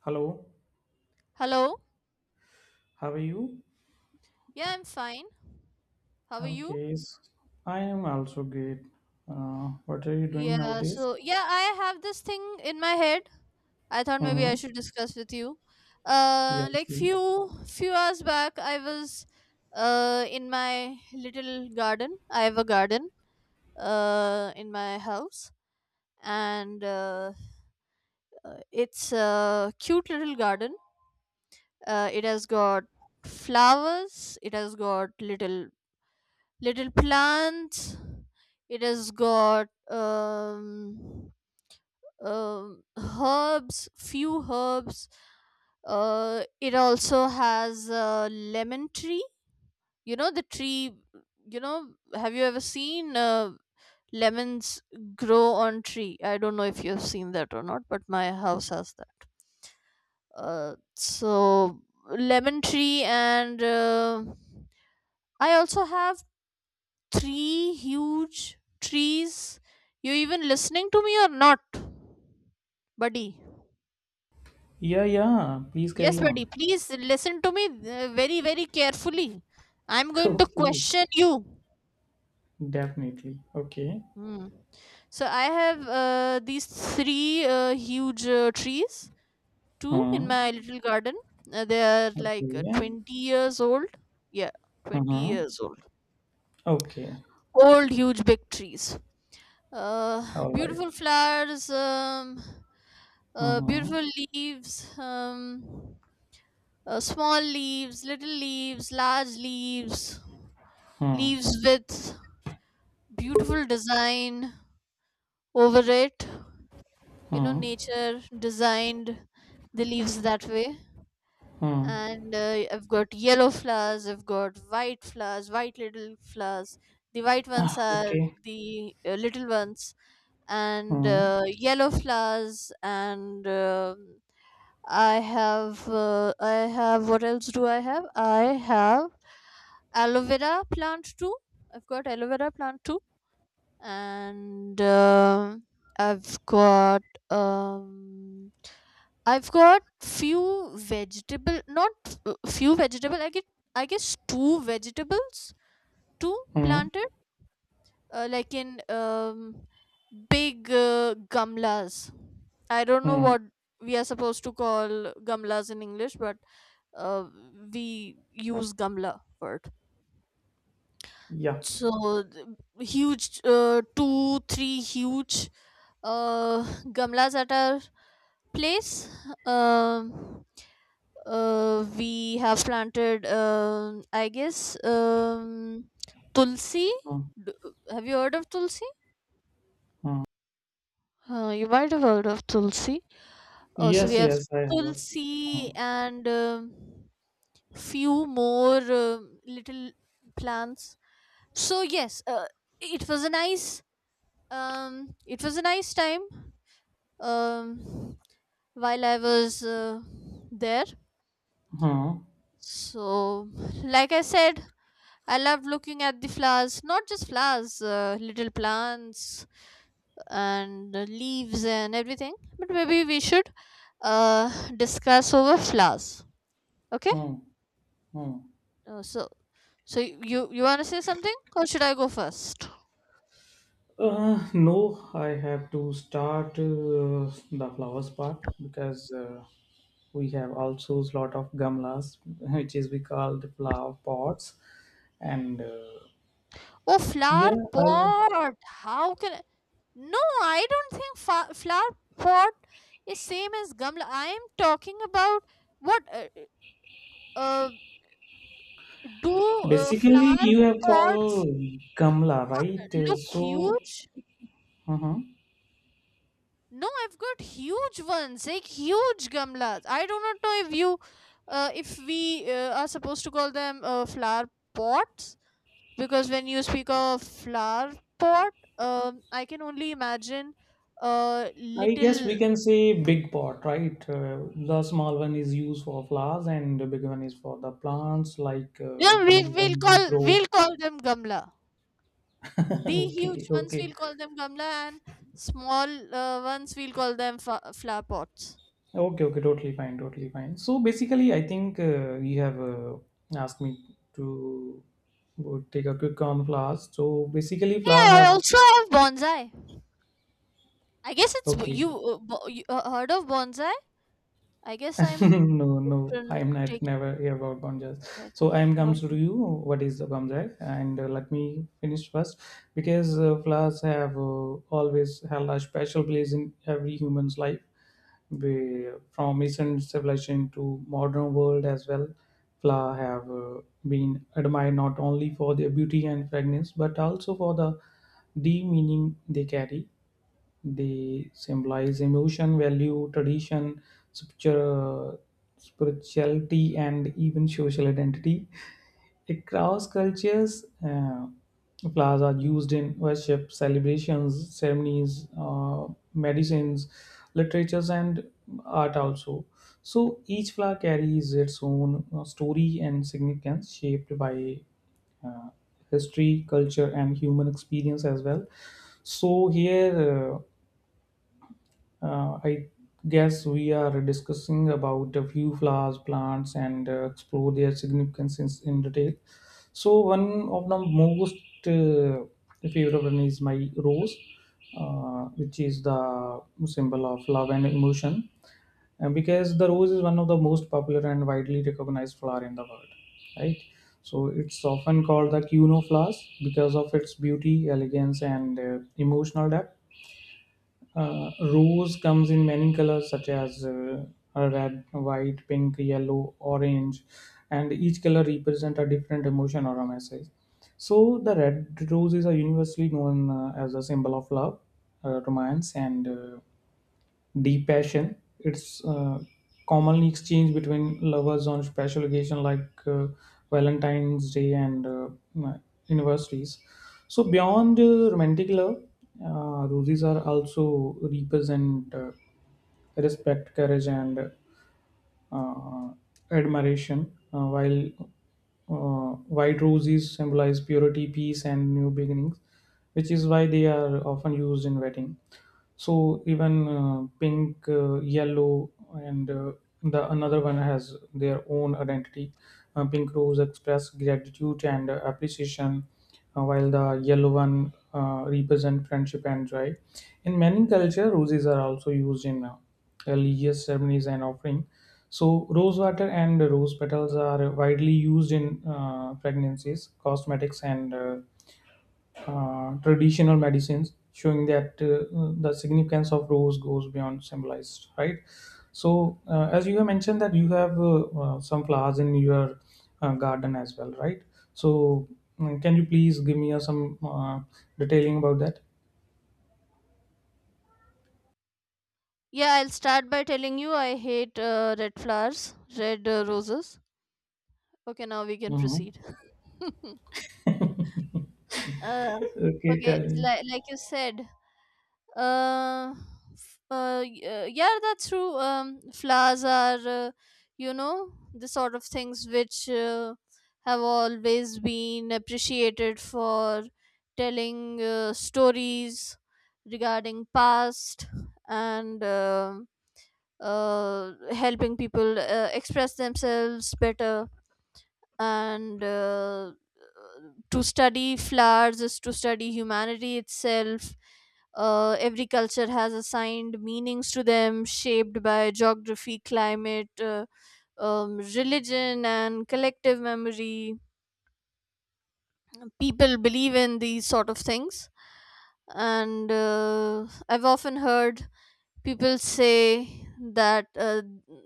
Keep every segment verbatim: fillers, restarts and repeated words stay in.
Hello, Hello. how are you? Yeah, I'm fine. How are you? Okay, s- I am also great. Uh, what are you doing Yeah, nowadays? so yeah, I have this thing in my head. I thought maybe Mm-hmm. I should discuss with you. Yeah, Uh, like sure. few few hours back, I was uh in my little garden. I have a garden uh in my house, and uh, uh, it's a cute little garden. Uh, it has got flowers. It has got little little plants. It has got um, um herbs, few herbs. Uh, it also has a lemon tree, you know, the tree. You know, have you ever seen uh, lemons grow on tree? I don't know if you've seen that or not, but my house has that. Uh, so lemon tree. And uh, I also have three huge trees. You even listening to me or not, buddy? Yeah, yeah, please Yes, carry on. buddy. Please listen to me uh, very, very carefully. I'm going to Okay, question you. definitely. Okay. Hmm. So I have uh, these three uh, huge uh, trees, two in Hmm. my little garden. Uh, they are like uh, Okay. twenty years old years old. Yeah, Hmm. twenty years old years old. Okay. Old, huge, big trees. uh, All Beautiful right. flowers, um, uh, Mm-hmm. beautiful leaves, um, uh, small leaves, little leaves, large leaves, Hmm. leaves with beautiful design over it. You know, Hmm. nature designed the leaves that way. Hmm. And uh, I've got yellow flowers, I've got white flowers, white little flowers. The white ones are Okay. the uh, little ones, and Hmm. uh, yellow flowers. And um i have uh, I have, what else do I have? I have aloe vera plant too. I've got aloe vera plant too. And um i've got um I've got few vegetable not uh, few vegetable I get I guess two vegetables, two Hmm. planted uh, like in um, big uh, gamlas. I don't know Hmm. what we are supposed to call gamlas in English, but uh, we use gamla word. Yeah. So th- huge, uh, two, three huge uh, gamlas at our place. Um, uh, we have planted, um I guess, um, tulsi. Hmm. D- Have you heard of tulsi? Hmm. Uh, you might have heard of Tulsi. Oh, so we Yes, have yes, I have. Hmm. Tulsi and um few more um little plants. So yes, uh, it was a nice um it was a nice time um while I was uh, there. Hmm. So like I said, I love looking at the flowers, not just flowers, uh, little plants and uh, leaves and everything. But maybe we should uh, discuss over flowers. Okay? Hmm. Hmm. Uh, so, so y- you you want to say something, or should I go first? Uh, no, I have to start uh, the flowers part because uh, we have also a lot of gamlas, which is we call the flower pots. And uh, Oh, flower yeah, I pot. How can I? No, I don't think fa- flower pot is same as gamla. I am talking about what uh, uh do uh, basically flower you have pots called gamla, right? Uh, look so huge? uh-huh. No, I've got huge ones, like huge gamlas. I do not know if you, uh, if we uh, are supposed to call them uh, flower pots, because when you speak of flower pot, um, I can only imagine uh, I guess we little. can say big pot, right? Uh, the small one is used for flowers, and the big one is for the plants. Like uh, we Yeah, can we will even call grow. we'll call them gamla. The Okay, huge ones okay. we'll call them gamla, and small uh, ones we'll call them fa- flower pots. Okay, okay, totally fine, totally fine. So basically, I think uh, you have uh, asked me to go take a quick on flowers. So basically, flower Hey, I have also have bonsai. I guess it's okay. you, uh, bo- you uh, heard of bonsai. I guess I'm No, no, tran- I'm not taking never hear about Banjas. red. So No? I'm comes One. to you. What is the Banjai? And uh, let me finish first because uh, flowers have uh, always held a special place in every human's life, be, from ancient civilization to modern world as well. Flowers have uh, been admired not only for their beauty and fragrance but also for the deep meaning they carry. They symbolize emotion, value, tradition, spiritu- spirituality, and even social identity. Across cultures, uh, flowers are used in worship, celebrations, ceremonies, uh, medicines, literatures, and art also. So each flower carries its own uh, story and significance, shaped by uh, history, culture, and human experience as well. So here. Uh, uh, I guess we are discussing about a few flowers, plants, and uh, explore their significance in, in detail. So one of the most uh, favorite one is my rose, uh, which is the symbol of love and emotion, and because the rose is one of the most popular and widely recognized flower in the world, right? So it's often called the queen of flowers because of its beauty, elegance, and uh, emotional depth uh, rose comes in many colors such as uh, a red, white, pink, yellow, orange, and each color represents a different emotion or a message. So the red rose is a universally known uh, as a symbol of love, uh, romance, and uh, deep passion. It's uh, commonly exchanged between lovers on special occasion like uh, Valentine's Day and uh, uh, anniversaries. So beyond uh, romantic love, uh, roses are also represent uh, respect, courage, and uh, admiration, uh, while uh, white roses symbolize purity, peace, and new beginnings, which is why they are often used in wedding. So even uh, pink, uh, yellow, and uh, the another one has their own identity. Uh, pink rose express gratitude and uh, appreciation, uh, while the yellow one uh, represent friendship and joy. In many culture, roses are also used in uh, religious ceremonies and offering. So, rose water and rose petals are widely used in uh, pregnancies, cosmetics, and uh, uh, traditional medicines, showing that uh, the significance of rose goes beyond symbolized, right? So, uh, as you have mentioned, that you have uh, uh, some flowers in your uh, garden as well, right? So, mm, can you please give me uh, some uh, detailing about that? Yeah, I'll start by telling you I hate uh, red flowers, red uh, roses. Okay, now we can Hmm. proceed. uh, Okay, okay, tell me. like, like you said, uh, f- uh, y- uh, yeah, that's true. Um, flowers are, uh, you know, the sort of things which uh, have always been appreciated for telling uh, stories regarding past and uh, uh, helping people uh, express themselves better, and uh, to study flowers is to study humanity itself. Uh, every culture has assigned meanings to them, shaped by geography, climate, uh, um, religion, and collective memory. People believe in these sort of things, and uh, I've often heard people say that uh,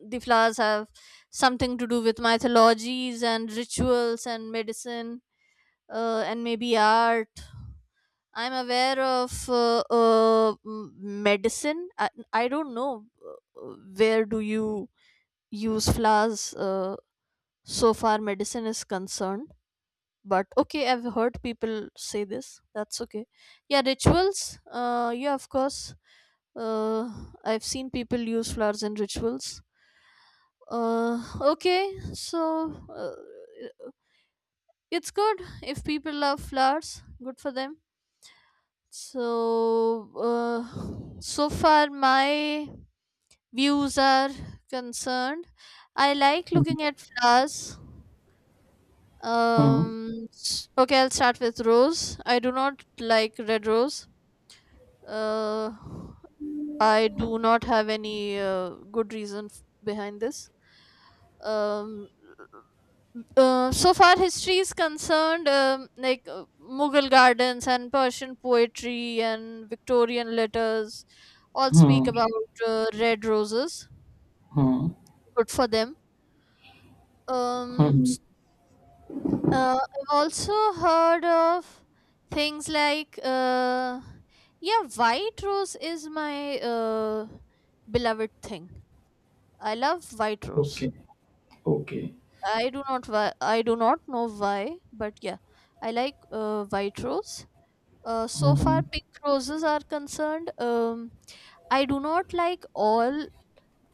the flowers have something to do with mythologies and rituals and medicine, uh, and maybe art. I'm aware of uh, uh, m- medicine. I, I don't know uh, where do you use flowers uh, so far medicine is concerned. But okay, I've heard people say this. That's okay. Yeah, rituals. Uh, yeah, of course. Uh, I've seen people use flowers in rituals. Uh, okay, so uh, it's good if people love flowers. Good for them. So, uh, so far my views are concerned. I like looking at flowers. Hmm. Um, s- okay, I'll start with rose. I do not like red rose. Uh, I do not have any uh, good reason f- behind this. um, uh, so far history is concerned, um, like uh, mughal gardens and persian poetry and victorian letters all speak Hmm. about uh, red roses. Hmm. Good for them. um, Mhm. s- uh, I've also heard of things like uh, yeah, white rose is my uh, beloved thing. I love white rose. Okay. Okay. I do not, why, I do not know why, but yeah, I like uh, white rose. Uh, so Mhm. far, pink roses are concerned. Um, I do not like all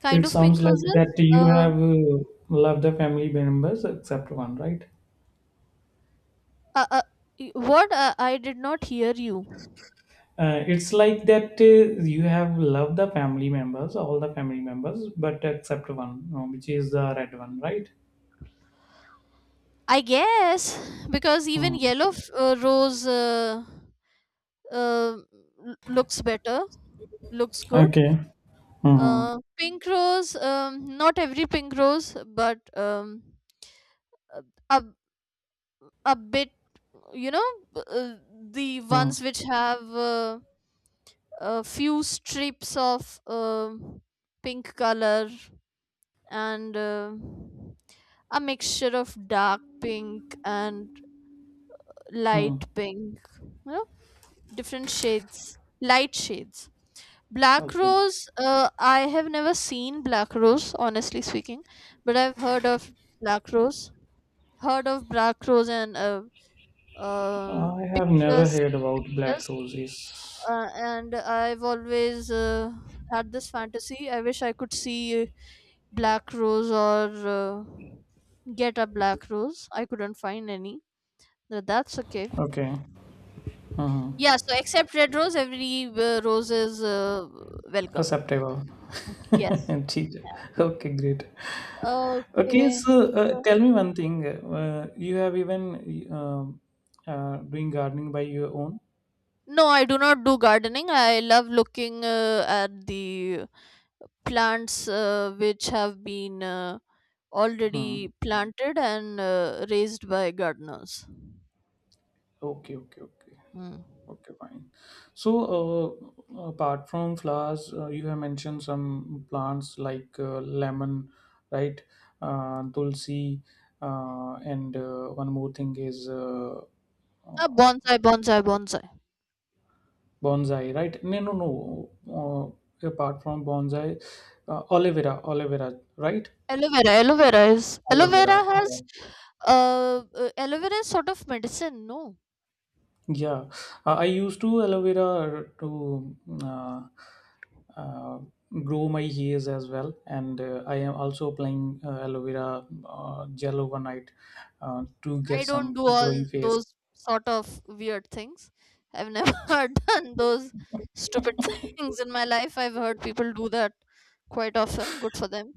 kind It of sounds pink like roses. that you Uh, have uh, loved the family members except one, right? uh, uh, y- what uh, I did not hear you. Uh, it's like that uh, you have loved the family members, all the family members, but except one, uh, which is the red one, right? I guess because even Hmm. yellow f- uh, rose uh, uh, l- looks better, looks good. Okay. Mm-hmm. Uh, pink rose, um, not every pink rose, but um, uh, a bit, you know, uh, the Hmm. ones which have uh, a few strips of um pink color, and uh, a mixture of dark pink and Hmm. light pink, you know, different shades, light shades. Black Okay. rose, uh, I have never seen black rose, honestly speaking, but I've heard of black rose, heard of black rose, and uh, uh, I have never pictures, heard seen about black pictures. roses. Uh, and I've always uh, had this fantasy. I wish I could see black rose, or uh, get a black rose. I couldn't find any. But that's okay. Okay. Mm-hmm. Yeah, so except red rose, every uh, rose is uh, welcome. Acceptable. Yes. ठीक है. Okay, great. Okay, Okay. so uh, so- tell me one thing. Uh, you have even um, uh, doing gardening by your own? No, I do not do gardening. I love looking uh, at the plants uh, which have been uh, Hmm. already planted and uh, raised by gardeners. Okay, okay, okay, Mm. okay, fine. So, uh, apart from flowers, uh, you have mentioned some plants like uh, lemon, right? Uh, tulsi, uh, and uh, one more thing is uh, Uh, uh, bonsai, bonsai, bonsai. bonsai, right? No, no, no. Uh, apart from bonsai, uh, aloe vera, aloe vera, right? Aloe vera, aloe vera is, aloe Aloe vera, vera has yeah. uh, uh, aloe vera is sort of medicine. No, Yeah, uh, I used to aloe vera to uh, uh, grow my hairs as well, and uh, I am also applying uh, aloe vera uh, gel overnight uh, to get I don't some do glowing all face. those sort of weird things. I've never done those stupid things in my life. I've heard people do that quite often. Good for them.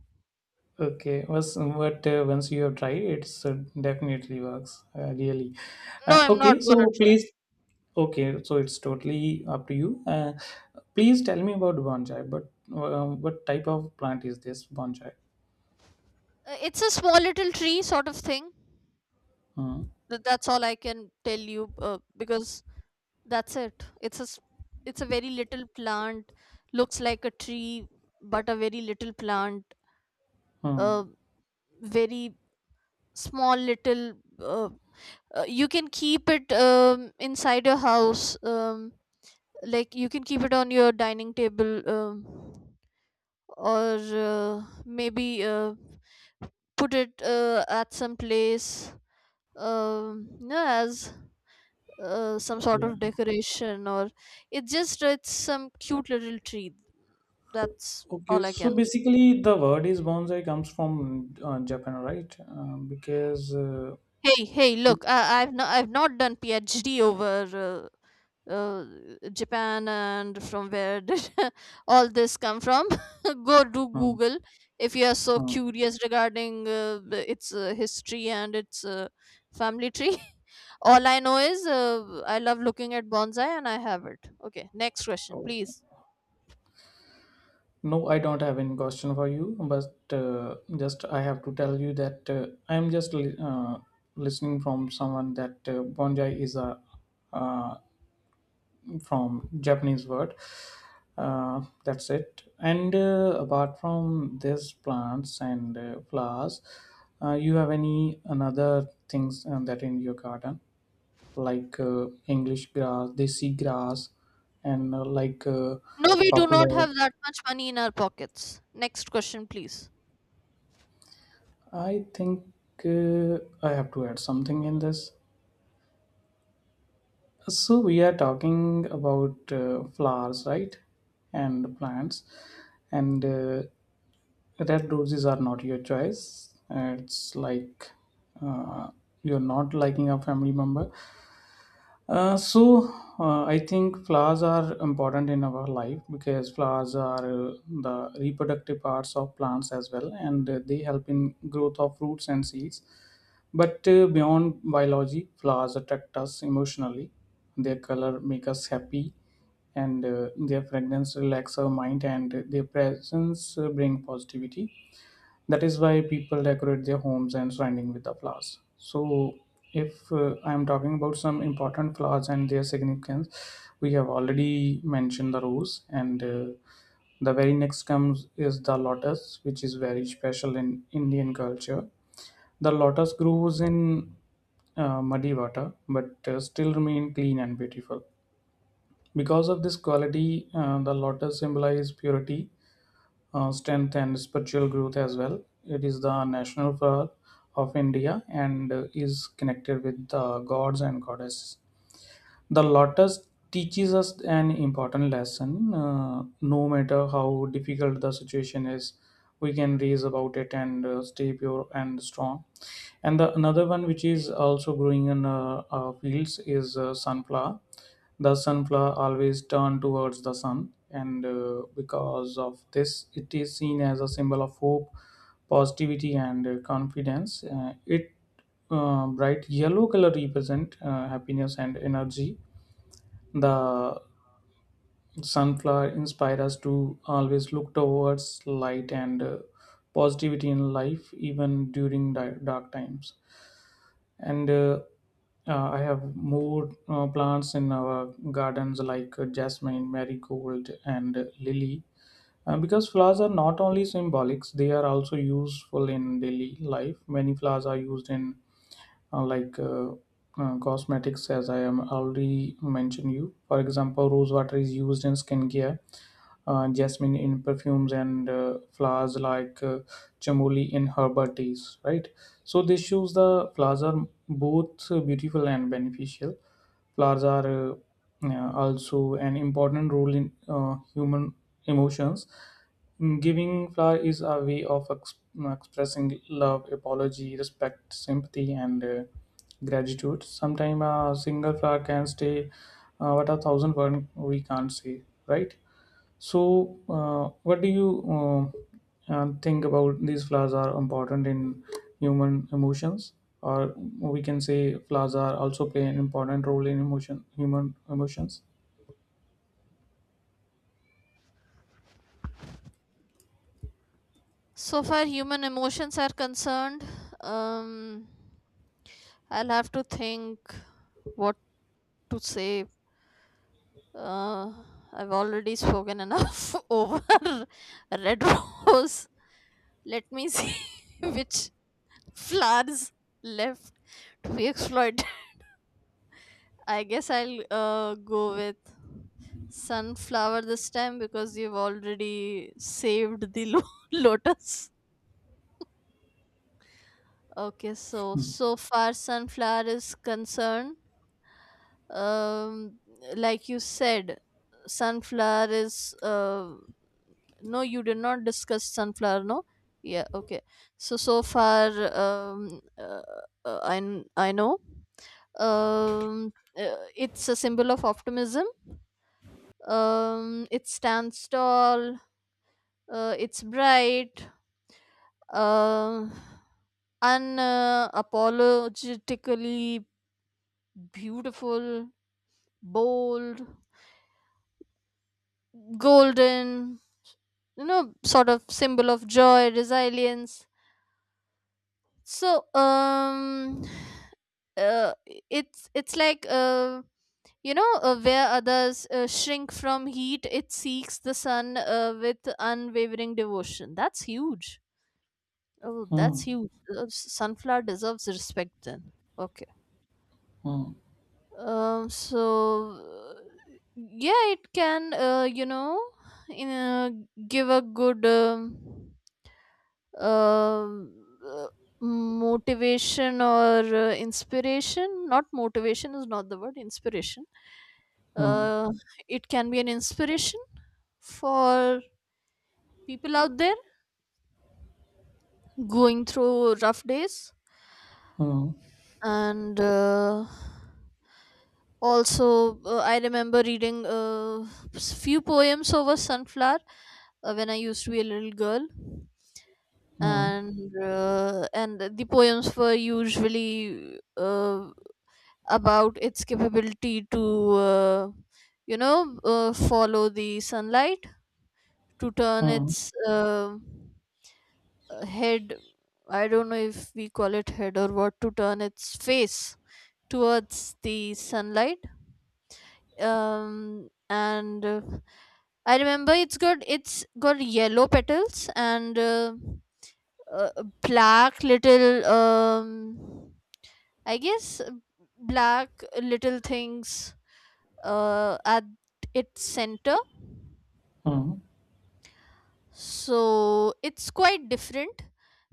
Okay, was but uh, once you have tried, it's uh, definitely works uh, really. Uh, No, I'm okay, not gonna so try. please. Okay, so it's totally up to you. Uh, please tell me about bonsai. But uh, what type of plant is this bonsai? Uh, it's a small little tree sort of thing. Hmm. Th- That's all I can tell you uh, because that's it. It's a s- it's a very little plant. Looks like a tree, but a very little plant. Hmm. A very small little. Uh, uh, you can keep it um, inside your house. Um, like you can keep it on your dining table, um, or uh, maybe uh, put it uh, at some place. Um, yeah, as uh, some sort of Yeah. decoration, or it's just, it's some cute little tree. That's Okay, all I so can. basically the word is bonsai comes from uh, Japan, right? Uh, because uh, Hey, hey, look, I, I've not, I've not done PhD over uh, uh, Japan, and from where did all this come from? Go do hmm, Google if you are so hmm. curious regarding uh, the- its uh, history and its uh, family tree. All I know is uh, I love looking at bonsai and I have it. Okay, next question, Oh, please. no, I don't have any question for you, but uh, just I have to tell you that uh, I am just li- uh, listening from someone that uh, bonsai is a uh, from Japanese word. Uh, that's it. And uh, apart from these plants and uh, flowers, uh, you have any another things um, that in your garden? Like uh, English grass, desi grass, and uh, like uh, No, we do not popular. have that much money in our pockets. Next question, please. I think uh, I have to add something in this. So we are talking about uh, flowers, right, and plants, and uh, red roses are not your choice. It's like uh, you're not liking a family member. Uh, so uh, I think flowers are important in our life because flowers are uh, the reproductive parts of plants as well, and uh, they help in growth of fruits and seeds. But uh, beyond biology, flowers attract us emotionally. Their color make us happy, and uh, their fragrance relax our mind, and their presence uh, bring positivity, that is why people decorate their homes and surrounding with the flowers. So if uh, I'm talking about some important flowers and their significance, we have already mentioned the rose, and uh, the very next comes is the lotus, which is very special in Indian culture. The lotus grows in uh, muddy water but uh, still remain clean and beautiful. Because of this quality uh, the lotus symbolize purity, uh, strength and spiritual growth as well. It is the national flower of India and uh, is connected with the gods and goddesses. The lotus teaches us an important lesson. Uh, no matter how difficult the situation is, we can raise about it and uh, stay pure and strong. And the another one which is also growing in uh, uh, fields is uh, sunflower. The sunflower always turn towards the sun, and uh, because of this, it is seen as a symbol of hope, positivity, and uh, confidence. Uh, it uh, bright yellow color represent uh, happiness and energy. The sunflower inspires us to always look towards light and uh, positivity in life, even during di- dark times. And uh, uh, I have more uh, plants in our gardens like uh, jasmine, marigold, and uh, lily. Uh, because flowers are not only symbolics, they are also useful in daily life. Many flowers are used in uh, like uh, uh, cosmetics, as I am already mentioned you. For example, rose water is used in skincare, uh, jasmine in perfumes, and uh, flowers like uh, chamomile in herbal teas, right? So this shows the flowers are both uh, beautiful and beneficial. Flowers are uh, uh, also an important role in uh, human emotions. Mm, giving flower is a way of ex- expressing love, apology, respect, sympathy, and uh, gratitude. Sometimes a single flower can say uh, what a thousand words we can't say, right? So, uh, what do you uh, uh, think about these flowers are important in human emotions? Or we can say flowers are also play an important role in emotion, human emotions. So far, human emotions are concerned. Um, I'll have to think what to say. Uh, I've already spoken enough over red rose. Let me see which flowers left to be exploited. I guess I'll uh, go with sunflower this time, because you've already saved the lo- lotus. Okay, so so far sunflower is concerned, um, like you said, sunflower is uh, no, you did not discuss sunflower, no? Yeah, okay. So so far, um, uh, uh, I kn- I know. Um, uh, it's a symbol of optimism. Um, it stands tall. Uh, it's bright. Um. Unapologetically beautiful, bold, golden, you know, sort of symbol of joy, resilience. So, um, uh, it's it's like uh, you know, uh, where others uh, shrink from heat, it seeks the sun uh, with unwavering devotion. That's huge. Oh, that's Hmm. huge. Uh, sunflower deserves respect then. Okay. Hmm. Um, so yeah, it can, uh, you know, in uh, give a good um, um, uh, motivation, or uh, inspiration. Not motivation, is not the word. Inspiration. Hmm. Uh, it can be an inspiration for people out there going through rough days Hmm. and. Uh, also, uh, I remember reading a few poems over sunflower uh, when I used to be a little girl, Hmm. and uh, and the poems were usually uh, about its capability to uh, you know uh, follow the sunlight, to turn Hmm. its uh, head, I don't know if we call it head or what, to turn its face towards the sunlight. Um and uh, I remember it's got it's got yellow petals and uh, uh, black little um i guess uh, black little things uh at its center. Hmm. So it's quite different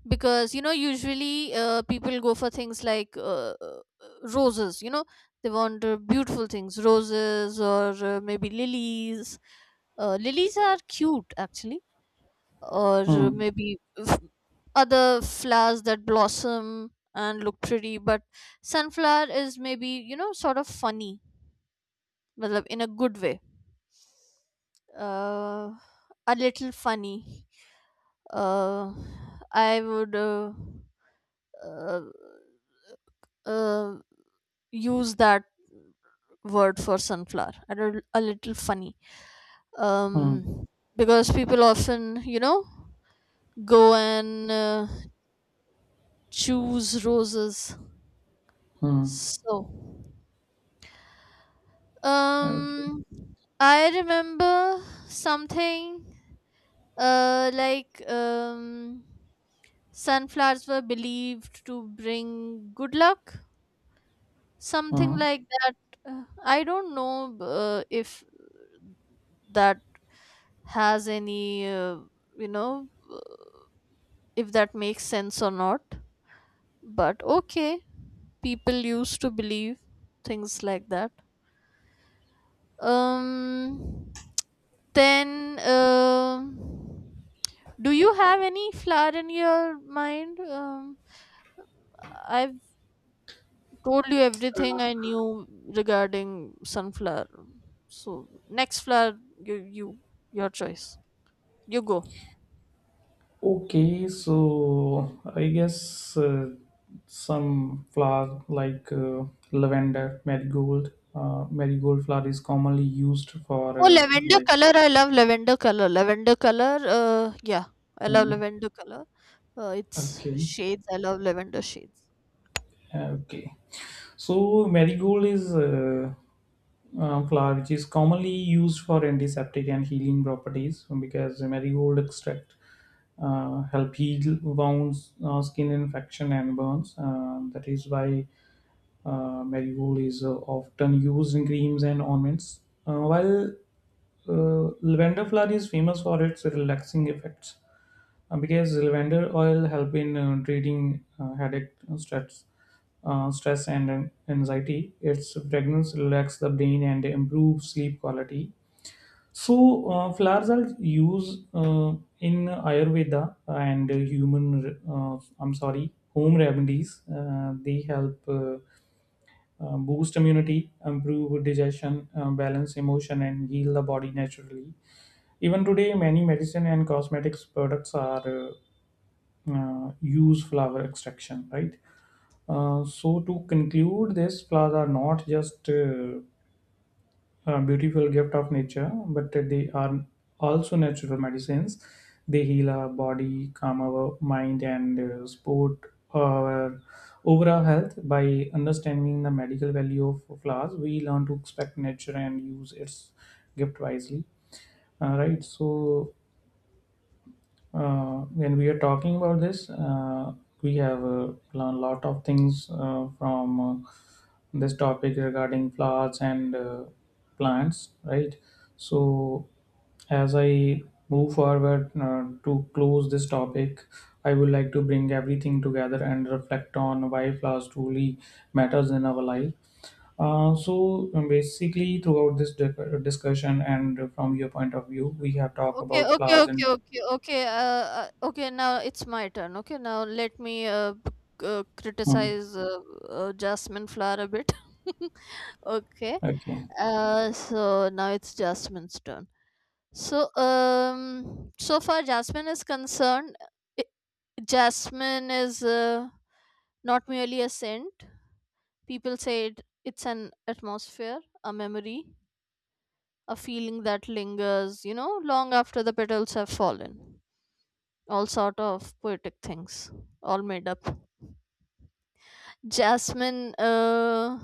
because, you know, usually uh, people go for things like uh, uh, roses, you know. They want uh, beautiful things, roses, or uh, maybe lilies. Uh, lilies are cute actually. Or uh, Hmm. maybe f- other flowers that blossom and look pretty, but sunflower is maybe, you know, sort of funny, matlab in a good way, uh, a little funny. uh, I would uh, uh, uh, use that word for sunflower. I don't- A little funny, Hmm. um, because people often, you know, go and uh, choose roses. Mm. So, Okay. um, I remember something uh, like um, sunflowers were believed to bring good luck, something Hmm. like that. Uh, I don't know uh, if that has any, uh, you know if that makes sense or not, but okay, people used to believe things like that. Um then um do you have any flower in your mind? um I've told you everything I knew regarding sunflower. So, next flower, you you your choice. You go. Okay, so I guess uh, some flower like uh, lavender, marigold, uh, marigold flower is commonly used for Oh, uh, lavender like. color. I love lavender color. Lavender color. Uh, yeah, I love Uh, lavender color. Uh, it's okay. shades. I love lavender shades. Okay. So, marigold is a, uh, flower which is commonly used for antiseptic and healing properties because marigold extract uh, help heal wounds, uh, skin infection, and burns. Uh, that is why uh, marigold is uh, often used in creams and ornaments. Uh, while uh, lavender flower is famous for its relaxing effects, uh, because lavender oil help in uh, treating uh, headache, uh, stress, uh, stress and an- anxiety. Its fragrance relax the brain and improve sleep quality. So uh, flowers are used uh, in Ayurveda and human. Uh, I'm sorry, home remedies. Uh, they help. Uh, uh, boost immunity, improve digestion, uh, balance emotion, and heal the body naturally. Even today, many medicine and cosmetics products are uh, uh, use flower extraction, right? Uh, so to conclude, these flowers are not just uh, a beautiful gift of nature, but they are also natural medicines. They heal our body, calm our mind, and uh, support our overall health. By understanding the medical value of flowers, we learn to expect nature and use its gift wisely. Uh, right. So uh, when we are talking about this, uh, we have a lot of things uh, from uh, this topic regarding flowers and uh, plants, right? So, as I move forward uh, to close this topic, I would like to bring everything together and reflect on why flowers truly matters in our life. Uh, so um, basically, throughout this di- discussion and from your point of view, we have talked Okay, about okay, flowers okay, and okay, okay. Uh, uh, okay, now it's my turn. Okay, now let me uh, c- uh Mhm. criticize uh, uh, jasmine flower a bit. Okay. Okay. Uh, so now it's Jasmine's turn. So, um, so far Jasmine is concerned, i- Jasmine is uh, not merely a scent. People say it, it's an atmosphere, a memory, a feeling that lingers, you know, long after the petals have fallen. All sort of poetic things, all made up. Jasmine uh,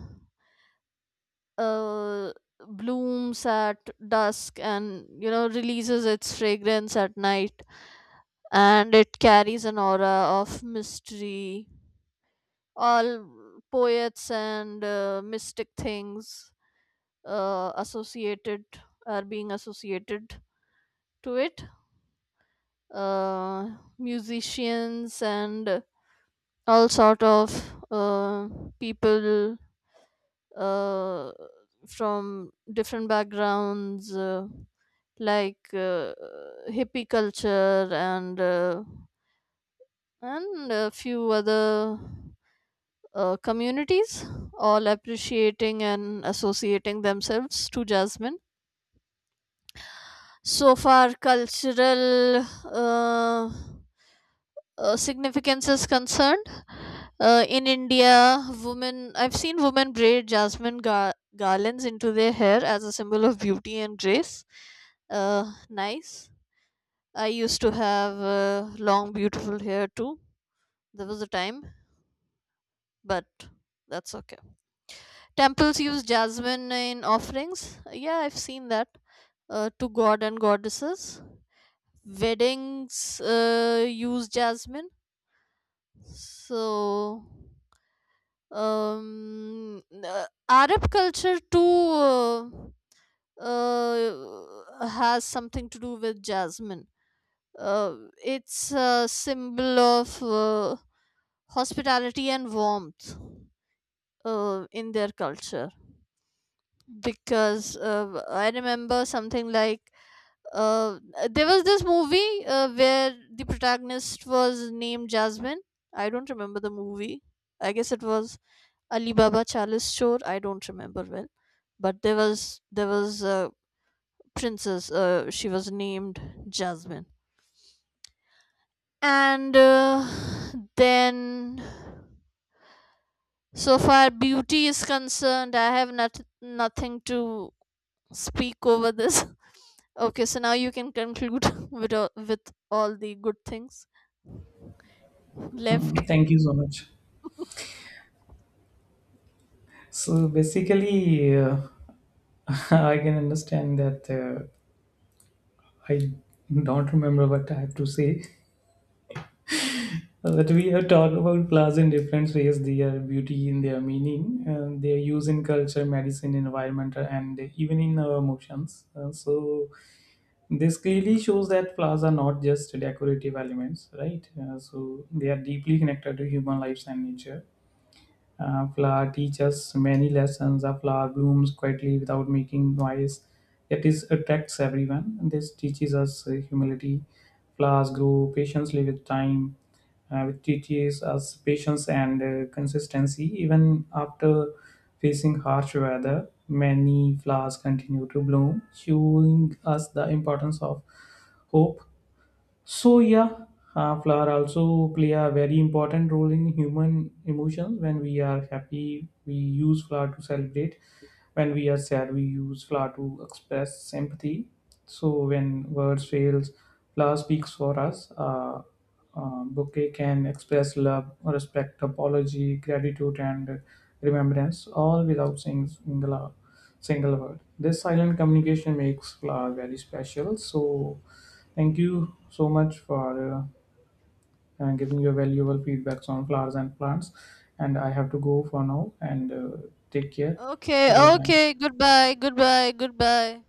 uh, blooms at dusk and, you know, releases its fragrance at night, and it carries an aura of mystery. All poets and uh, mystic things uh, associated are being associated to it. Uh, Musicians and all sort of uh, people, uh, from different backgrounds, uh, like uh, hippie culture and uh, and a few other uh, communities, all appreciating and associating themselves to Jasmine. So far, cultural uh, uh, significance is concerned. Uh, in India, women, I've seen women braid jasmine gar- garlands into their hair as a symbol of beauty and grace. Uh, nice. I used to have uh, long, beautiful hair too. There was a time, but that's okay. Temples use jasmine in offerings. Yeah, I've seen that, uh, to god and goddesses. Weddings uh, use jasmine. So, um, uh, Arab culture too uh, uh, has something to do with jasmine. Uh, it's a symbol of uh, hospitality and warmth uh, in their culture. Because uh, I remember something like uh, there was this movie uh, where the protagonist was named Jasmine. I don't remember the movie. I guess it was Alibaba Chalice Chor. I don't remember well, but there was there was a princess. Uh, she was named Jasmine, and uh, then so far beauty is concerned, I have not nothing to speak over this. Okay, so now you can conclude with all, with all the good things left. Mm, thank you so much. So basically, uh, I can understand that uh, I don't remember what I have to say. But we have talked about flowers in different ways, their beauty in their meaning, and their use in culture, medicine, environment, and even in our emotions. Uh, so this clearly shows that flowers are not just decorative elements, right? Uh, so they are deeply connected to human lives and nature. A flower teaches many lessons. A flower blooms quietly without making noise. Yet it attracts everyone. This teaches us uh, humility. Flowers grow patiently with time, uh, which teaches us patience and uh, consistency. Even after facing harsh weather, many flowers continue to bloom, showing us the importance of hope. So yeah, uh, flower also play a very important role in human emotions. When we are happy, we use flower to celebrate. When we are sad, we use flower to express sympathy. So when words fails, flower speaks for us. Uh, uh, bouquet can express love, respect, apology, gratitude, and remembrance, all without saying single single word. This silent communication makes flower very special. So thank you so much for uh, uh, giving your valuable feedbacks on flowers and plants. And I have to go for now and uh, take care Okay, till the time. okay, goodbye, goodbye, goodbye.